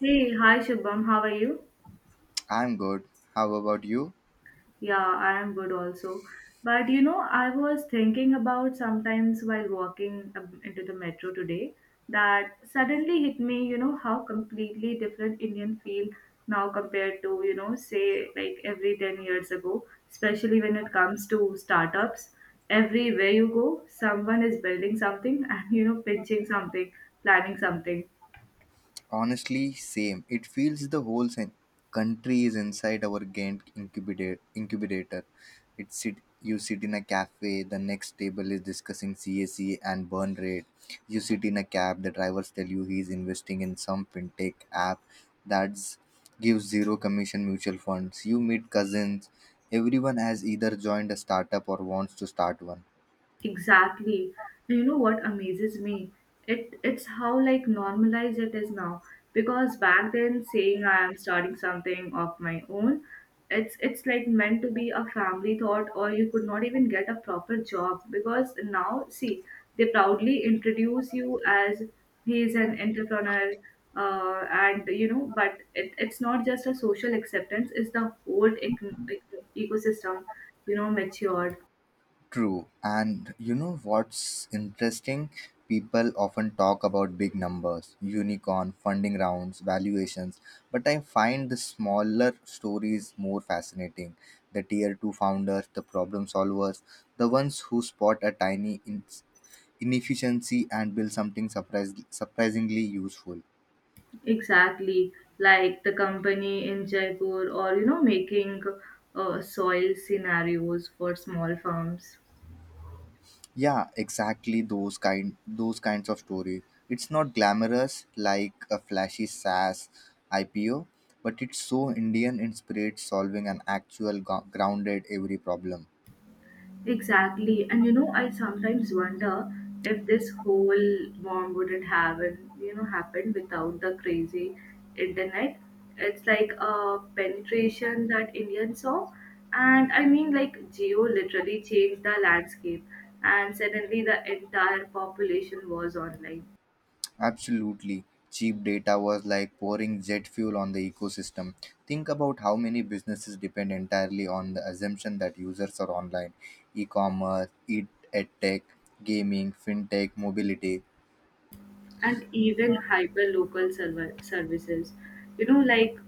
Hey, hi Shubham, how are you? I'm good. How about you? Yeah, I am good also. But you know, I was thinking about sometimes while walking into the metro today that suddenly hit me, you know, how completely different Indian feel now compared to, you know, say like every 10 years ago, especially when it comes to startups. Everywhere you go, someone is building something and, you know, pinching something, planning something. Honestly, same. It feels the whole country is inside our Gantt incubator. It sit, you sit in a cafe, the next table is discussing CAC and burn rate. You sit in a cab, the drivers tell you he's investing in some fintech app that's gives zero commission mutual funds. You meet cousins. Everyone has either joined a startup or wants to start one. Exactly. And you know what amazes me? It's how like normalized it is now. Because back then saying I am starting something of my own, it's like meant to be a family thought or you could not even get a proper job. Because now see, they proudly introduce you as he is an entrepreneur, and you know, but it's not just a social acceptance, it's the whole ecosystem, you know, matured. True. And you know what's interesting? People often talk about big numbers, unicorn, funding rounds, valuations, but I find the smaller stories more fascinating. The tier 2 founders, the problem solvers, the ones who spot a tiny inefficiency and build something surprisingly useful. Exactly, like the company in Jaipur, or you know, making soil scenarios for small farms. Yeah, exactly those kinds of stories. It's not glamorous like a flashy SaaS IPO, but it's so Indian in spirit, solving an actual grounded every problem. Exactly, and you know, I sometimes wonder if this whole bomb wouldn't have you know happened without the crazy internet. It's like a penetration that Indians saw, and I mean, like geo literally changed the landscape, and suddenly the entire population was online. Absolutely. Cheap data was like pouring jet fuel on the ecosystem. Think about how many businesses depend entirely on the assumption that users are online. E-commerce, edtech, gaming, fintech, mobility. And even hyper local server services you know like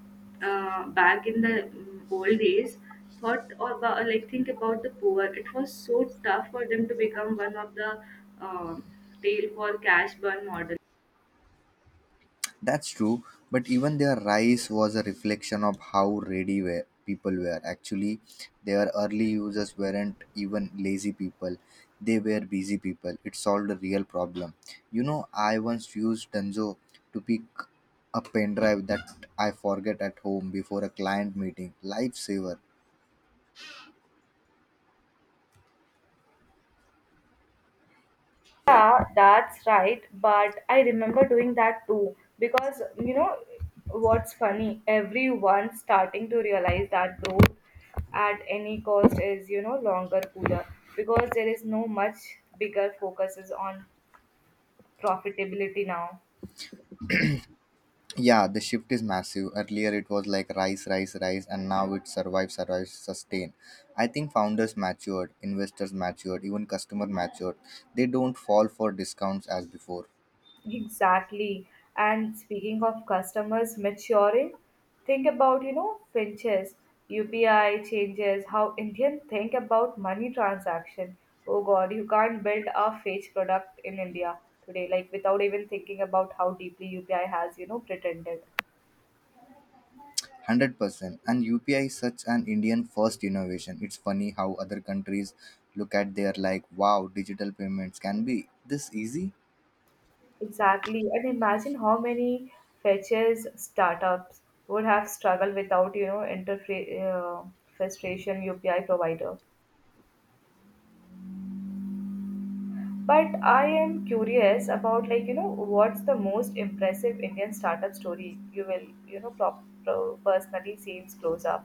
back in the old days thought or like think about the poor it was so tough for them to become one of the um tail for cash burn model. That's true, but even their rise was a reflection of how ready were people were. Actually, their early users weren't even lazy people; they were busy people. It solved a real problem. You know, I once used Dunzo to pick a pen drive that I forget at home before a client meeting. Lifesaver. Yeah, that's right. But I remember doing that too because you know what's funny? Everyone's starting to realize that growth at any cost is you know longer cooler because there is no much bigger focuses on profitability now. Yeah, the shift is massive. Earlier it was like rise, rise, rise, and now it survive, survive, sustain. I think founders matured, investors matured, even customer matured. They don't fall for discounts as before. Exactly. And speaking of customers maturing, think about, you know, Finches, UPI changes, how Indian think about money transaction. Oh God, you can't build a fake product in India today, like without even thinking about how deeply UPI has, you know, pretended. 100%. And UPI is such an Indian first innovation. It's funny how other countries look at their like, wow, digital payments can be this easy? Exactly. And imagine how many fetches startups would have struggled without, you know, interface frustration UPI provider. But I am curious about like you know what's the most impressive Indian startup story you will you know personally seems close up,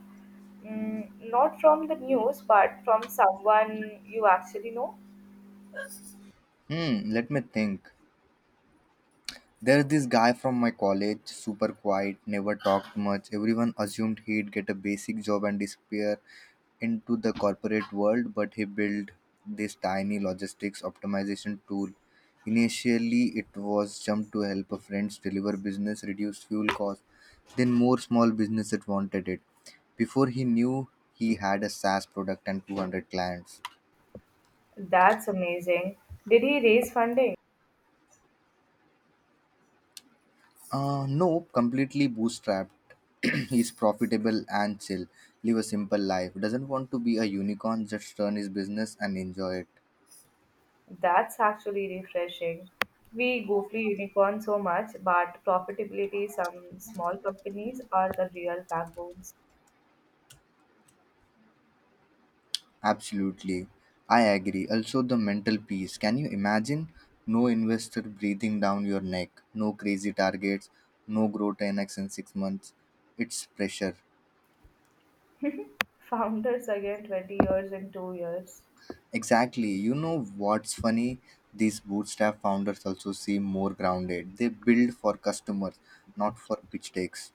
mm, not from the news but from someone you actually know. Hmm, let me think. There's this guy from my college, super quiet, never talked much. Everyone assumed he'd get a basic job and disappear into the corporate world, but he built this tiny logistics optimization tool. Initially, it was jumped to help a friends deliver business, reduce fuel costs. Then more small businesses wanted it. Before he knew, he had a SaaS product and 200 clients. That's amazing. Did he raise funding? No, completely bootstrapped. He's profitable and chill. Live a simple life. Doesn't want to be a unicorn, just run his business and enjoy it. That's actually refreshing. We goofily unicorn so much, but profitability some small companies are the real backbones. Absolutely. I agree. Also, the mental peace. Can you imagine? No investor breathing down your neck, no crazy targets, no grow 10x in 6 months. It's pressure. Founders again 20 years in 2 years. Exactly. You know what's funny? These bootstrap founders also seem more grounded. They build for customers, not for pitch decks.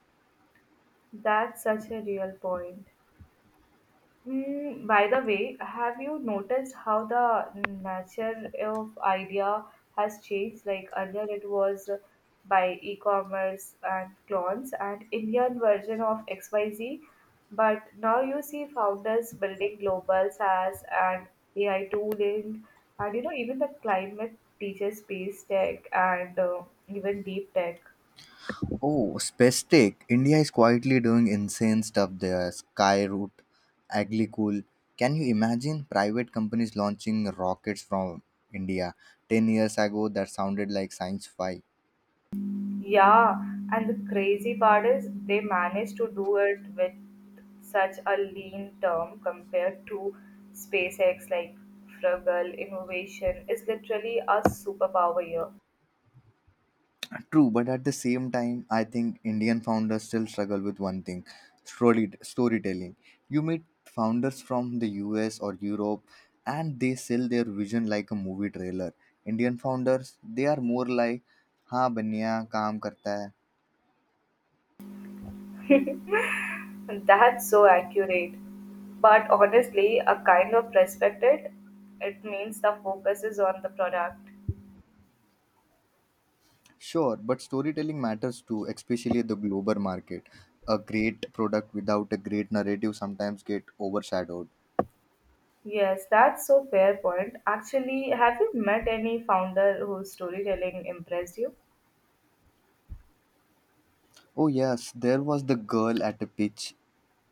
That's such a real point. Mm, by the way, have you noticed how the nature of idea has changed? Like earlier, it was by e-commerce and clones and Indian version of XYZ, but now you see founders building global SaaS and AI tooling, and you know even the climate teacher space tech and even deep tech. Oh, Spestic. India is quietly doing insane stuff there. Skyroot, Aglycool. Can you imagine private companies launching rockets from India? 10 years ago, that sounded like science fi. Yeah, and the crazy part is they managed to do it with such a lean term compared to SpaceX, like frugal innovation is literally a superpower here. True, but at the same time, I think Indian founders still struggle with one thing, storytelling. You meet founders from the US or Europe and they sell their vision like a movie trailer. Indian founders, they are more like, हाँ बनिया काम करता है. That's so accurate. But honestly, a kind of respected, it means the focus is on the product. Sure, but storytelling matters too, especially the global market. A great product without a great narrative sometimes get overshadowed. Yes, that's so fair point. Actually, have you met any founder whose storytelling impressed you? Oh yes, there was the girl at a pitch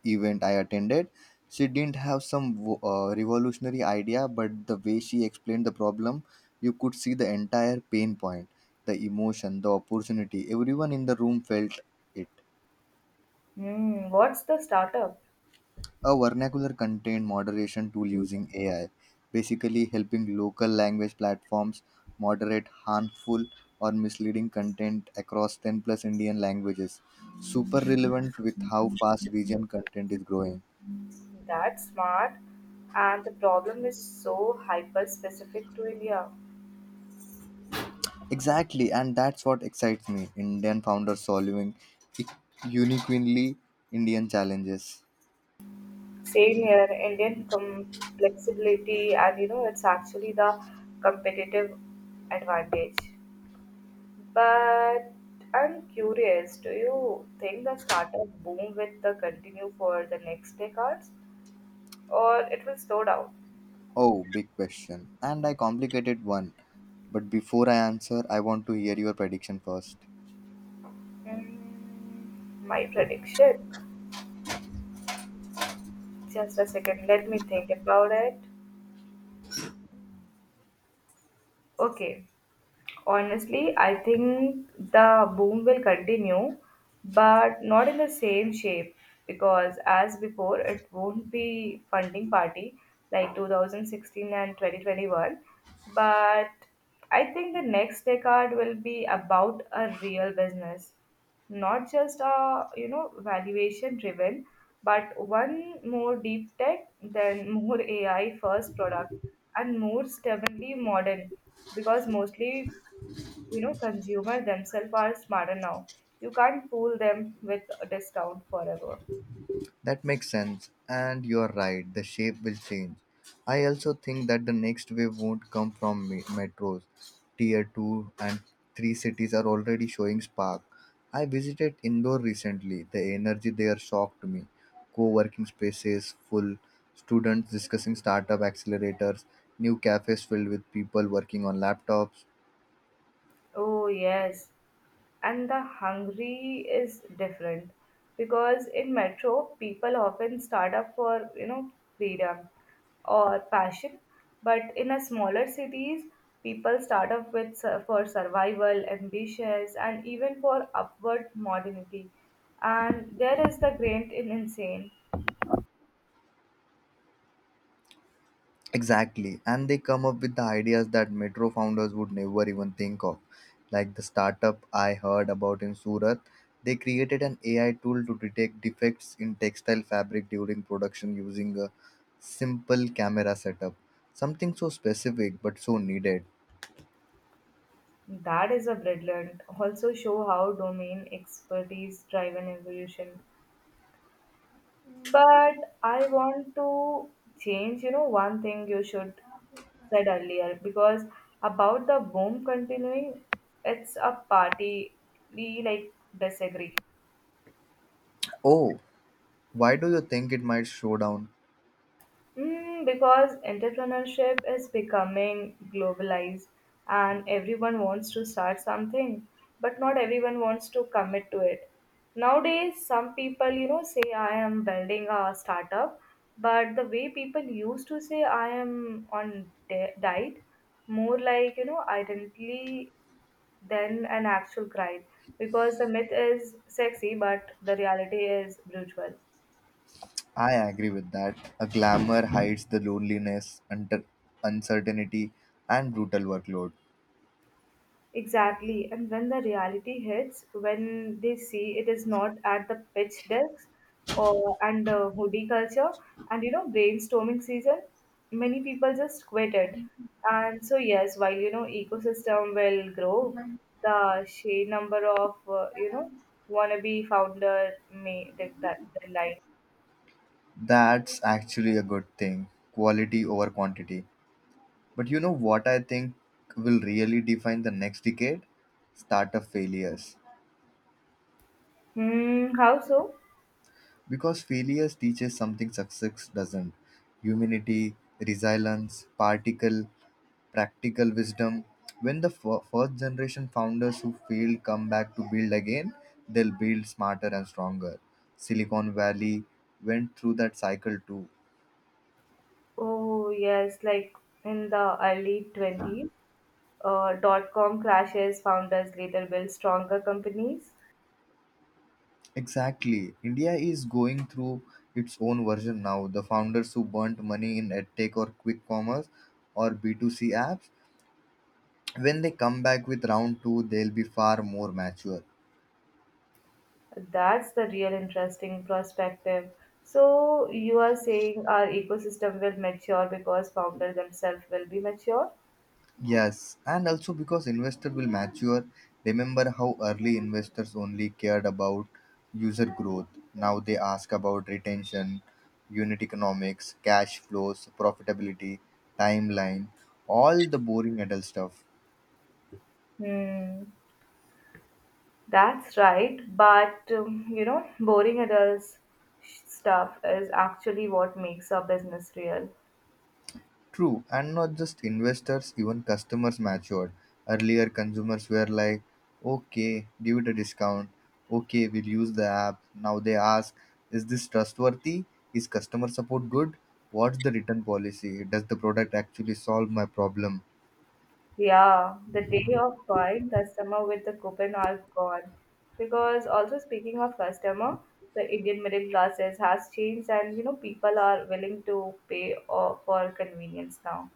event I attended. She didn't have some revolutionary idea, but the way she explained the problem, you could see the entire pain point, the emotion, the opportunity. Everyone in the room felt it. Hmm, what's the startup? A vernacular content moderation tool using AI, basically helping local language platforms moderate harmful or misleading content across 10 plus Indian languages. Super relevant with how fast region content is growing. That's smart. And the problem is so hyper specific to India. Exactly, and that's what excites me, Indian founders solving uniquely Indian challenges. Same here, Indian flexibility, and you know, it's actually the competitive advantage. But I'm curious, do you think the startup boom will the continue for the next decades or it will slow down? Oh, big question, and I complicated one. But before I answer, I want to hear your prediction first. Mm, my prediction. Just a second, let me think about it. Okay, honestly, I think the boom will continue, but not in the same shape because, as before, it won't be funding party like 2016 and 2021. But I think the next decade will be about a real business, not just a you know valuation driven, but one more deep tech, then more AI first product, and more stubbornly modern because mostly you know consumers themselves are smarter now. You can't fool them with a discount forever. That makes sense, and you're right, the shape will change. I also think that the next wave won't come from metros. Tier 2 and 3 cities are already showing spark. I visited Indore recently. The energy there shocked me. Co working spaces full, students discussing startup accelerators, new cafes filled with people working on laptops. Oh yes, and the hungry is different because in metro people often start up for you know freedom or passion, but in a smaller cities people start up with for survival ambitions and even for upward modernity, and there is the great in insane. Exactly. And they come up with the ideas that metro founders would never even think of. Like the startup I heard about in Surat, they created an AI tool to detect defects in textile fabric during production using a simple camera setup. Something so specific but so needed. That is a brilliant. Also show how domain expertise drive an evolution. But I want to change, you know, one thing you should said earlier because about the boom continuing, it's a party we like disagree. Oh, why do you think it might slow down? Mm, because entrepreneurship is becoming globalized and everyone wants to start something, but not everyone wants to commit to it. Nowadays, some people, you know, say, I am building a startup, but the way people used to say, I am on diet, more like, you know, identity than an actual grind. Because the myth is sexy, but the reality is brutal. I agree with that. A glamour hides the loneliness, under uncertainty, and brutal workload. Exactly. And when the reality hits, when they see it is not at the pitch decks or and hoodie culture and you know brainstorming season, many people just quit it. And so yes, while you know ecosystem will grow, the sheer number of you know wannabe founder may that decline. That's actually a good thing. Quality over quantity. But you know what I think will really define the next decade? Startup failures. Hmm, how so? Because failures teaches something success doesn't. Humanity, resilience, practical wisdom. When the first generation founders who failed come back to build again, they'll build smarter and stronger. Silicon Valley went through that cycle too. Oh yes, like in the early 20s, dot com crashes, founders later build stronger companies. Exactly. India is going through its own version now. The founders who burnt money in edtech or quick commerce or B2C apps, when they come back with round two, they'll be far more mature. That's the real interesting perspective. So, you are saying our ecosystem will mature because founders themselves will be mature? Yes, and also because investor will mature. Remember how early investors only cared about user growth. Now they ask about retention, unit economics, cash flows, profitability, timeline, all the boring adult stuff. Hmm, that's right. But, you know, boring adults stuff is actually what makes a business real. True, and not just investors, even customers matured. Earlier, consumers were like, okay, give it a discount. Okay, we'll use the app. Now they ask, is this trustworthy? Is customer support good? What's the return policy? Does the product actually solve my problem? Yeah, the day of buying customer with the coupon are gone. Because also speaking of customer, the Indian middle classes has changed and you know people are willing to pay for convenience now.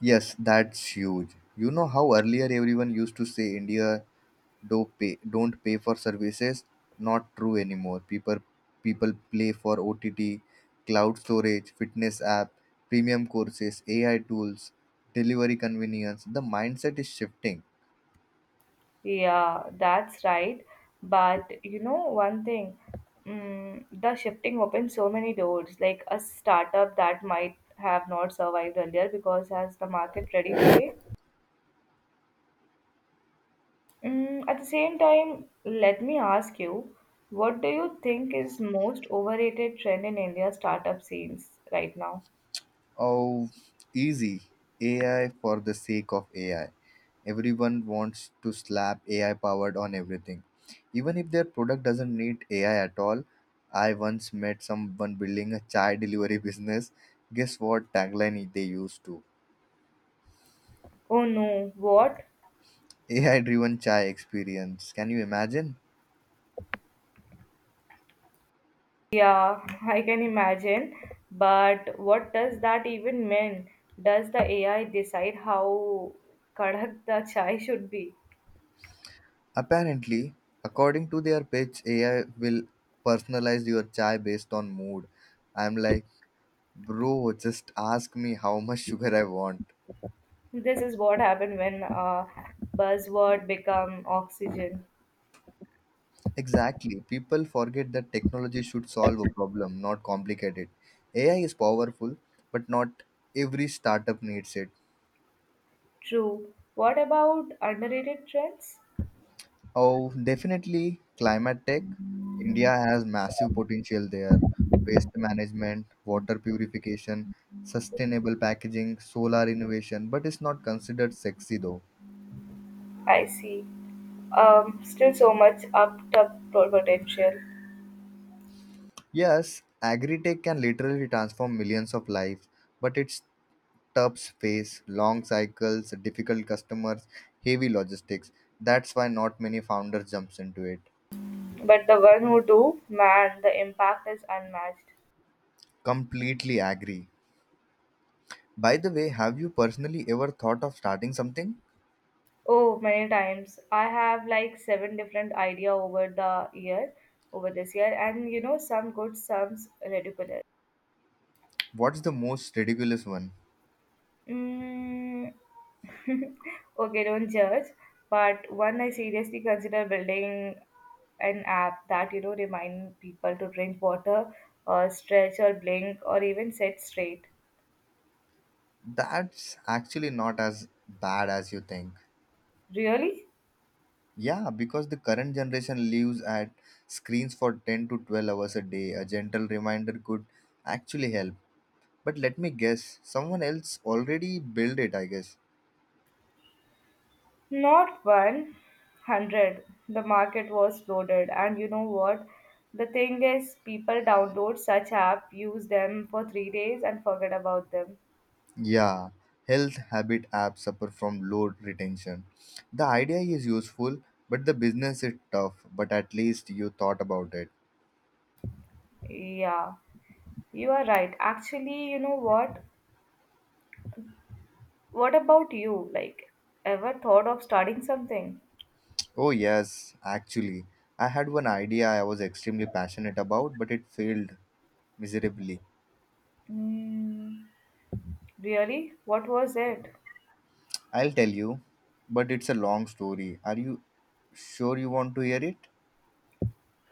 Yes, that's huge. You know how earlier everyone used to say India don't pay for services. Not true anymore. People play for OTT, cloud storage, fitness app, premium courses, AI tools, delivery convenience. The mindset is shifting. Yeah, that's right. But you know one thing, the shifting opens so many doors. Like a startup that might have not survived earlier because as the market ready today, mm, at the same time, let me ask you, what do you think is most overrated trend in India's startup scenes right now? Oh, easy. AI for the sake of AI. Everyone wants to slap AI powered on everything, even if their product doesn't need AI at all. I once met someone building a chai delivery business. Guess what tagline they used to. Oh no, what? AI driven chai experience. Can you imagine? Yeah, I can imagine. But what does that even mean? Does the AI decide how kadak the chai should be? Apparently, according to their pitch, AI will personalize your chai based on mood. I'm like, bro, just ask me how much sugar I want. This is what happened when buzzword become oxygen. Exactly. People forget that technology should solve a problem, not complicate it. AI is powerful, but not every startup needs it. True. What about underrated trends? Oh, definitely climate tech. India has massive potential there. Waste management, water purification, sustainable packaging, solar innovation, but it's not considered sexy though. I see. Still so much up to potential. Yes, agri-tech can literally transform millions of lives, but it's tough space, long cycles, difficult customers, heavy logistics. That's why not many founders jumps into it. But the one who do, man, the impact is unmatched. Completely agree. By the way, have you personally ever thought of starting something? Oh, many times. I have like seven different idea over the year, over this year, and you know some good, some ridiculous. What's the most ridiculous one? Mm, okay, don't judge. But one, I seriously consider building an app that you know remind people to drink water, or stretch, or blink, or even sit straight. That's actually not as bad as you think. Really? Yeah, because the current generation lives at screens for 10 to 12 hours a day. A gentle reminder could actually help. But let me guess, someone else already built it, I guess. Not 100. The market was flooded, and you know what? The thing is, people download such app, use them for 3 days, and forget about them. Yeah, health habit apps suffer from low retention. The idea is useful, but the business is tough. But at least you thought about it. Yeah, you are right. Actually, you know what? What about you? Like, ever thought of starting something? Oh, yes, actually. I had one idea I was extremely passionate about, but it failed miserably. Mm, really? What was it? I'll tell you, but it's a long story. Are you sure you want to hear it?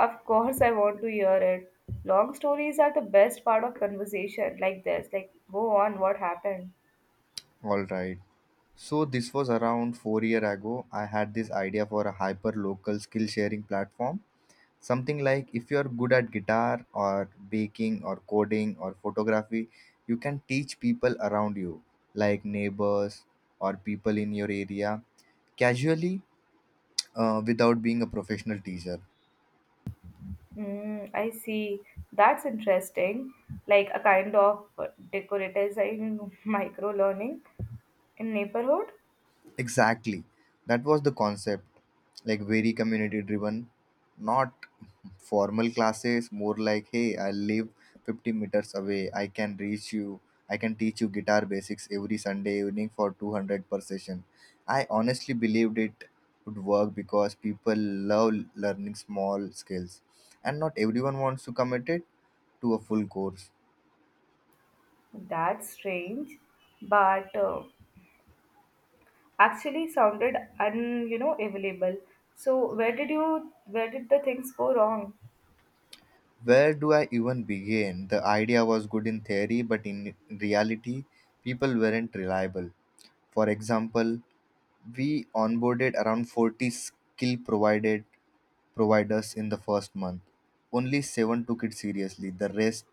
Of course, I want to hear it. Long stories are the best part of conversation like this. Like, go on, what happened? All right. So this was around 4 year ago. I had this idea for a hyper local skill sharing platform. Something like if you are good at guitar or baking or coding or photography, you can teach people around you, like neighbors or people in your area, casually without being a professional teacher. Mm, I see. That's interesting. Like a kind of decorative micro learning in neighborhood. Exactly. That was the concept. Like very community driven, not formal classes, more like, hey, I live 50 meters away. I can reach you. I can teach you guitar basics every Sunday evening for 200 per session. I honestly believed it would work because people love learning small skills and not everyone wants to commit it to a full course. That's strange, but actually sounded un you know available. So where did the things go wrong? Where do I even begin? The idea was good in theory, but in reality, people weren't reliable. For example, we onboarded around 40 skill provided providers in the first month. Only seven took it seriously. The rest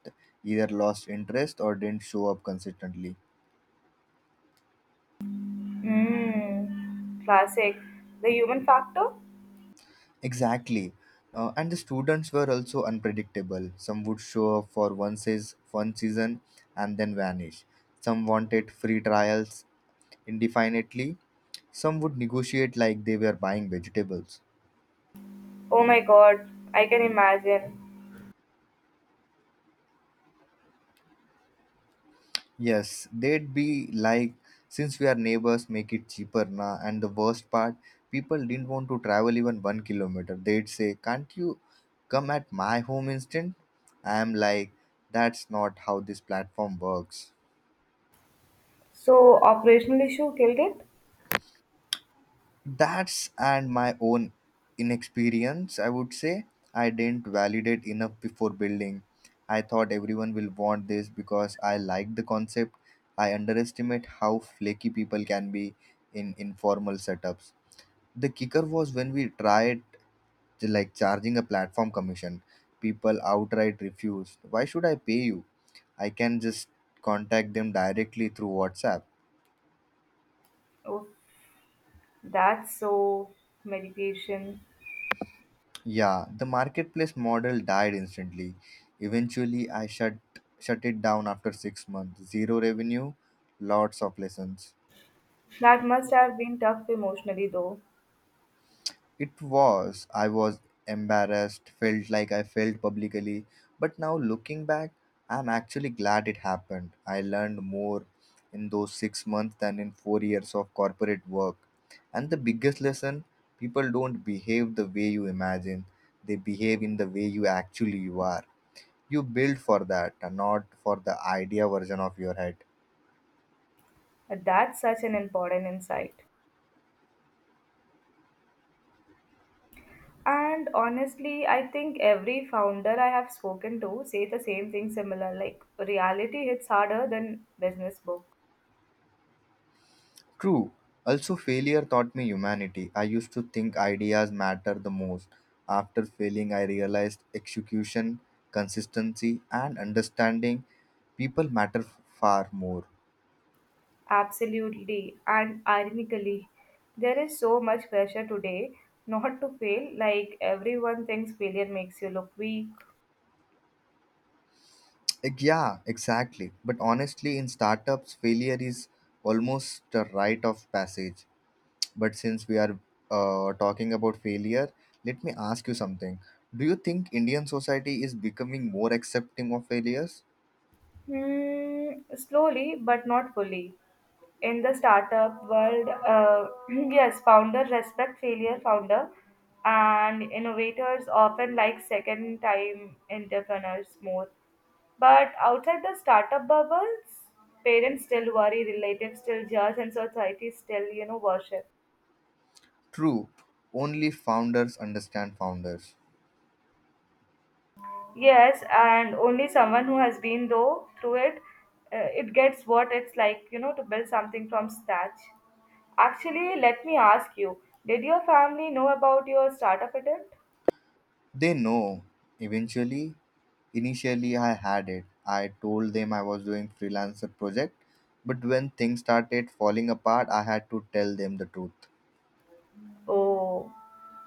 either lost interest or didn't show up consistently. Mm, classic. The human factor. Exactly. And the students were also unpredictable. Some would show up for one season and then vanish. Some wanted free trials, indefinitely. Some would negotiate like they were buying vegetables. Oh my God, I can imagine. Yes, they'd be like, since we are neighbors, make it cheaper na. And the worst part, people didn't want to travel even 1 kilometer. They'd say, can't you come at my home instant? I'm like, that's not how this platform works. So operational issue killed it. That's and my own inexperience, I would say. I didn't validate enough before building. I thought everyone will want this because I like the concept. I underestimate how flaky people can be in informal setups. The kicker was when we tried like charging a platform commission. People outright refused. Why should I pay you? I can just contact them directly through WhatsApp. Oh, that's so medication. Yeah, the marketplace model died instantly. Eventually, I shut it down after 6 months. Zero revenue, lots of lessons. That must have been tough emotionally, though. It was I was embarrassed, felt like I failed publicly, but now looking back, I'm actually glad it happened. I learned more in those 6 months than in 4 years of corporate work. And the biggest lesson, people don't behave the way you imagine. They behave in the way you are. You build for that, not for the idea version of your head. That's such an important insight. And honestly, I think every founder I have spoken to say the same thing similar like reality hits harder than business book. True. Also, failure taught me humanity. I used to think ideas matter the most. After failing, I realized execution, consistency, and understanding people matter far more. Absolutely. And ironically, there is so much pressure today not to fail, like everyone thinks failure makes you look weak. Yeah, exactly. But honestly, in startups, failure is almost a rite of passage. But since we are talking about failure, let me ask you something. Do you think Indian society is becoming more accepting of failures? Hmm, slowly, but not fully. In the startup world, yes, founder respect failure, founder, and innovators often like second time entrepreneurs more. But outside the startup bubbles, parents still worry, relatives still judge, and society still, you know, worship. True, only founders understand founders. Yes, and only someone who has been though through it, it gets what it's like, you know, to build something from scratch. Actually, let me ask you, did your family know about your startup attempt? They know. Eventually, initially I had it. I told them I was doing freelancer project, but when things started falling apart, I had to tell them the truth. Oh,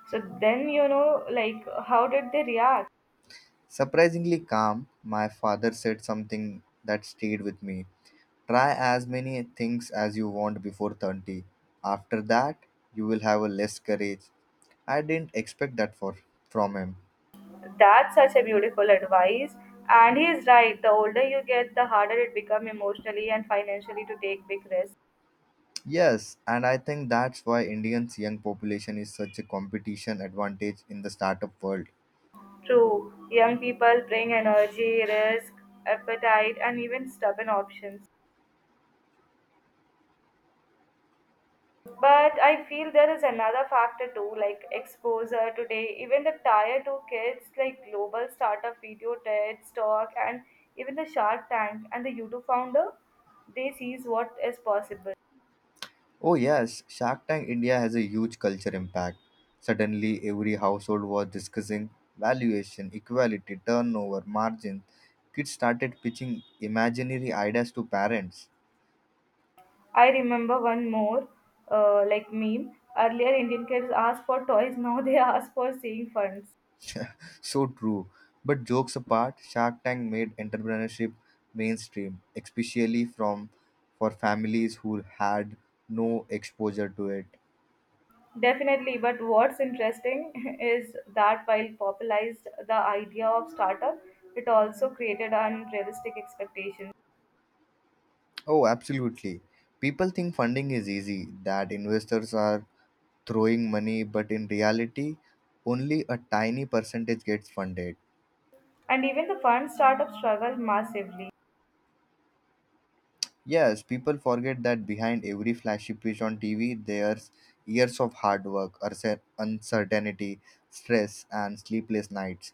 so then you know, like, how did they react? Surprisingly calm, my father said something that stayed with me. Try as many things as you want before 30. After that, you will have a less courage. I didn't expect that for from him. That's such a beautiful advice. And he is right, the older you get, the harder it becomes emotionally and financially to take big risks. Yes, and I think that's why Indians young population is such a competition advantage in the startup world. True, young people bring energy, risk, appetite, and even stubborn options. But I feel there is another factor too, like exposure today. Even the tier two kids, like global startup video, TED, Talk, and even the Shark Tank and the YouTube founder, they sees what is possible. Oh yes, Shark Tank India has a huge culture impact. Suddenly every household was discussing valuation, equality, turnover, margin. Kids started pitching imaginary ideas to parents. I remember one more, like meme. Earlier, Indian kids asked for toys. Now they ask for seeing funds. So true. But jokes apart, Shark Tank made entrepreneurship mainstream, especially from for families who had no exposure to it. Definitely, but what's interesting is that while popularized the idea of startup, it also created unrealistic expectations. Oh, absolutely. People think funding is easy, that investors are throwing money, but in reality, only a tiny percentage gets funded. And even the fund startups struggle massively. Yes, people forget that behind every flashy pitch on TV, there's years of hard work, uncertainty, stress, and sleepless nights.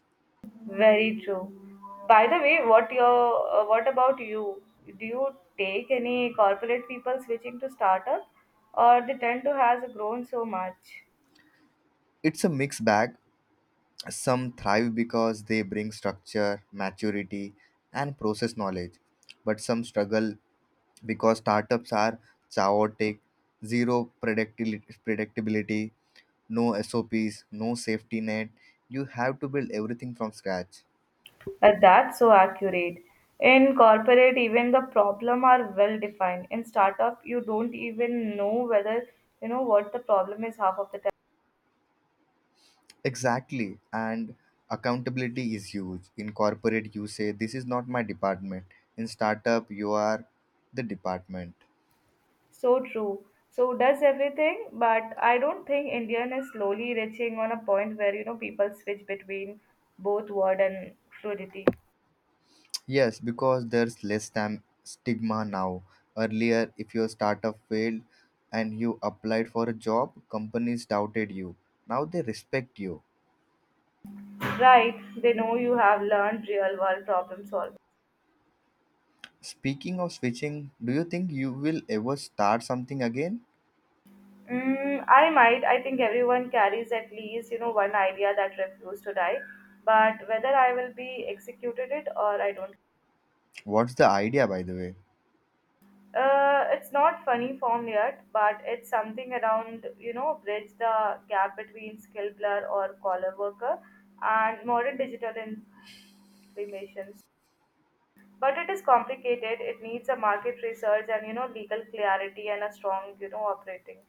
Very true. By the way, what about you? Do you take any corporate people switching to startup, or the tend to has grown so much? It's a mixed bag. Some thrive because they bring structure, maturity, and process knowledge, but some struggle because startups are chaotic, zero predictability, no SOPs, no safety net. You have to build everything from scratch. That's so accurate. In corporate, even the problem are well defined. In startup, you don't even know whether you know what the problem is half of the time. Exactly, and accountability is huge. In corporate, you say, This is not my department. In startup, you are the department. So true. So does everything, but I don't think Indian is slowly reaching on a point where you know people switch between both word and fluidity. Yes, because there's less stigma now. Earlier, if your startup failed and you applied for a job, companies doubted you. Now they respect you. Right? They know you have learned real world problem solving. Speaking of switching, do you think you will ever start something again? Mm, I might. I think everyone carries at least you know one idea that refused to die, but whether I will be executed it or I don't. What's the idea, by the way? It's not funny form yet, but it's something around, you know, bridge the gap between skill blur or collar worker and modern digital implementations. But it is complicated. It needs a market research and, you know, legal clarity and a strong, you know, operating.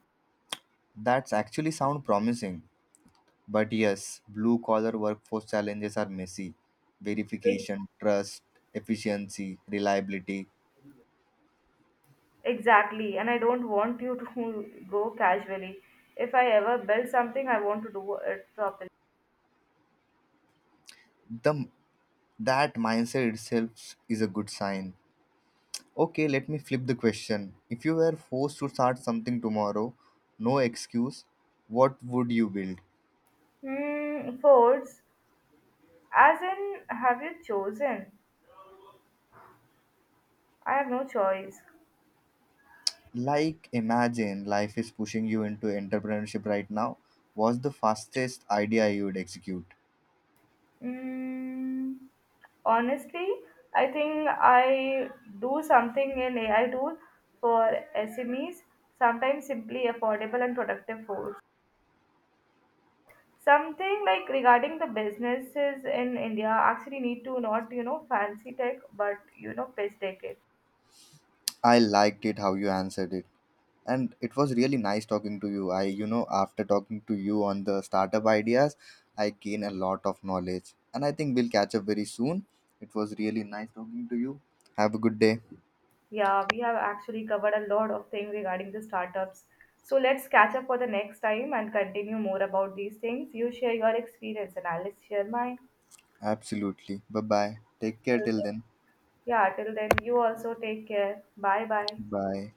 That's actually sound promising. But yes, blue collar workforce challenges are messy. Ex- Verification, trust, efficiency, reliability. Exactly. And I don't want you to go casually. If I ever build something, I want to do it properly. The, that mindset itself is a good sign. Okay, let me flip the question. If you were forced to start something tomorrow, no excuse, what would you build? Hmm, Fords, as in, have you chosen? I have no choice. Like, imagine life is pushing you into entrepreneurship right now. What's the fastest idea you would execute? Mm, honestly, I think I do something in AI tool for SMEs, sometimes simply affordable and productive foods. Something like regarding the businesses in India actually need to not, you know, fancy tech, but, you know, pitch tech it. I liked it how you answered it. And it was really nice talking to you. I, you know, after talking to you on the startup ideas, I gain a lot of knowledge. And I think we'll catch up very soon. It was really nice talking to you. Have a good day. Yeah, we have actually covered a lot of things regarding the startups. So let's catch up for the next time and continue more about these things. You share your experience and I'll share mine. Absolutely. Bye bye. Take care till Okay. then. Yeah, till then, you also take care. Bye bye. Bye.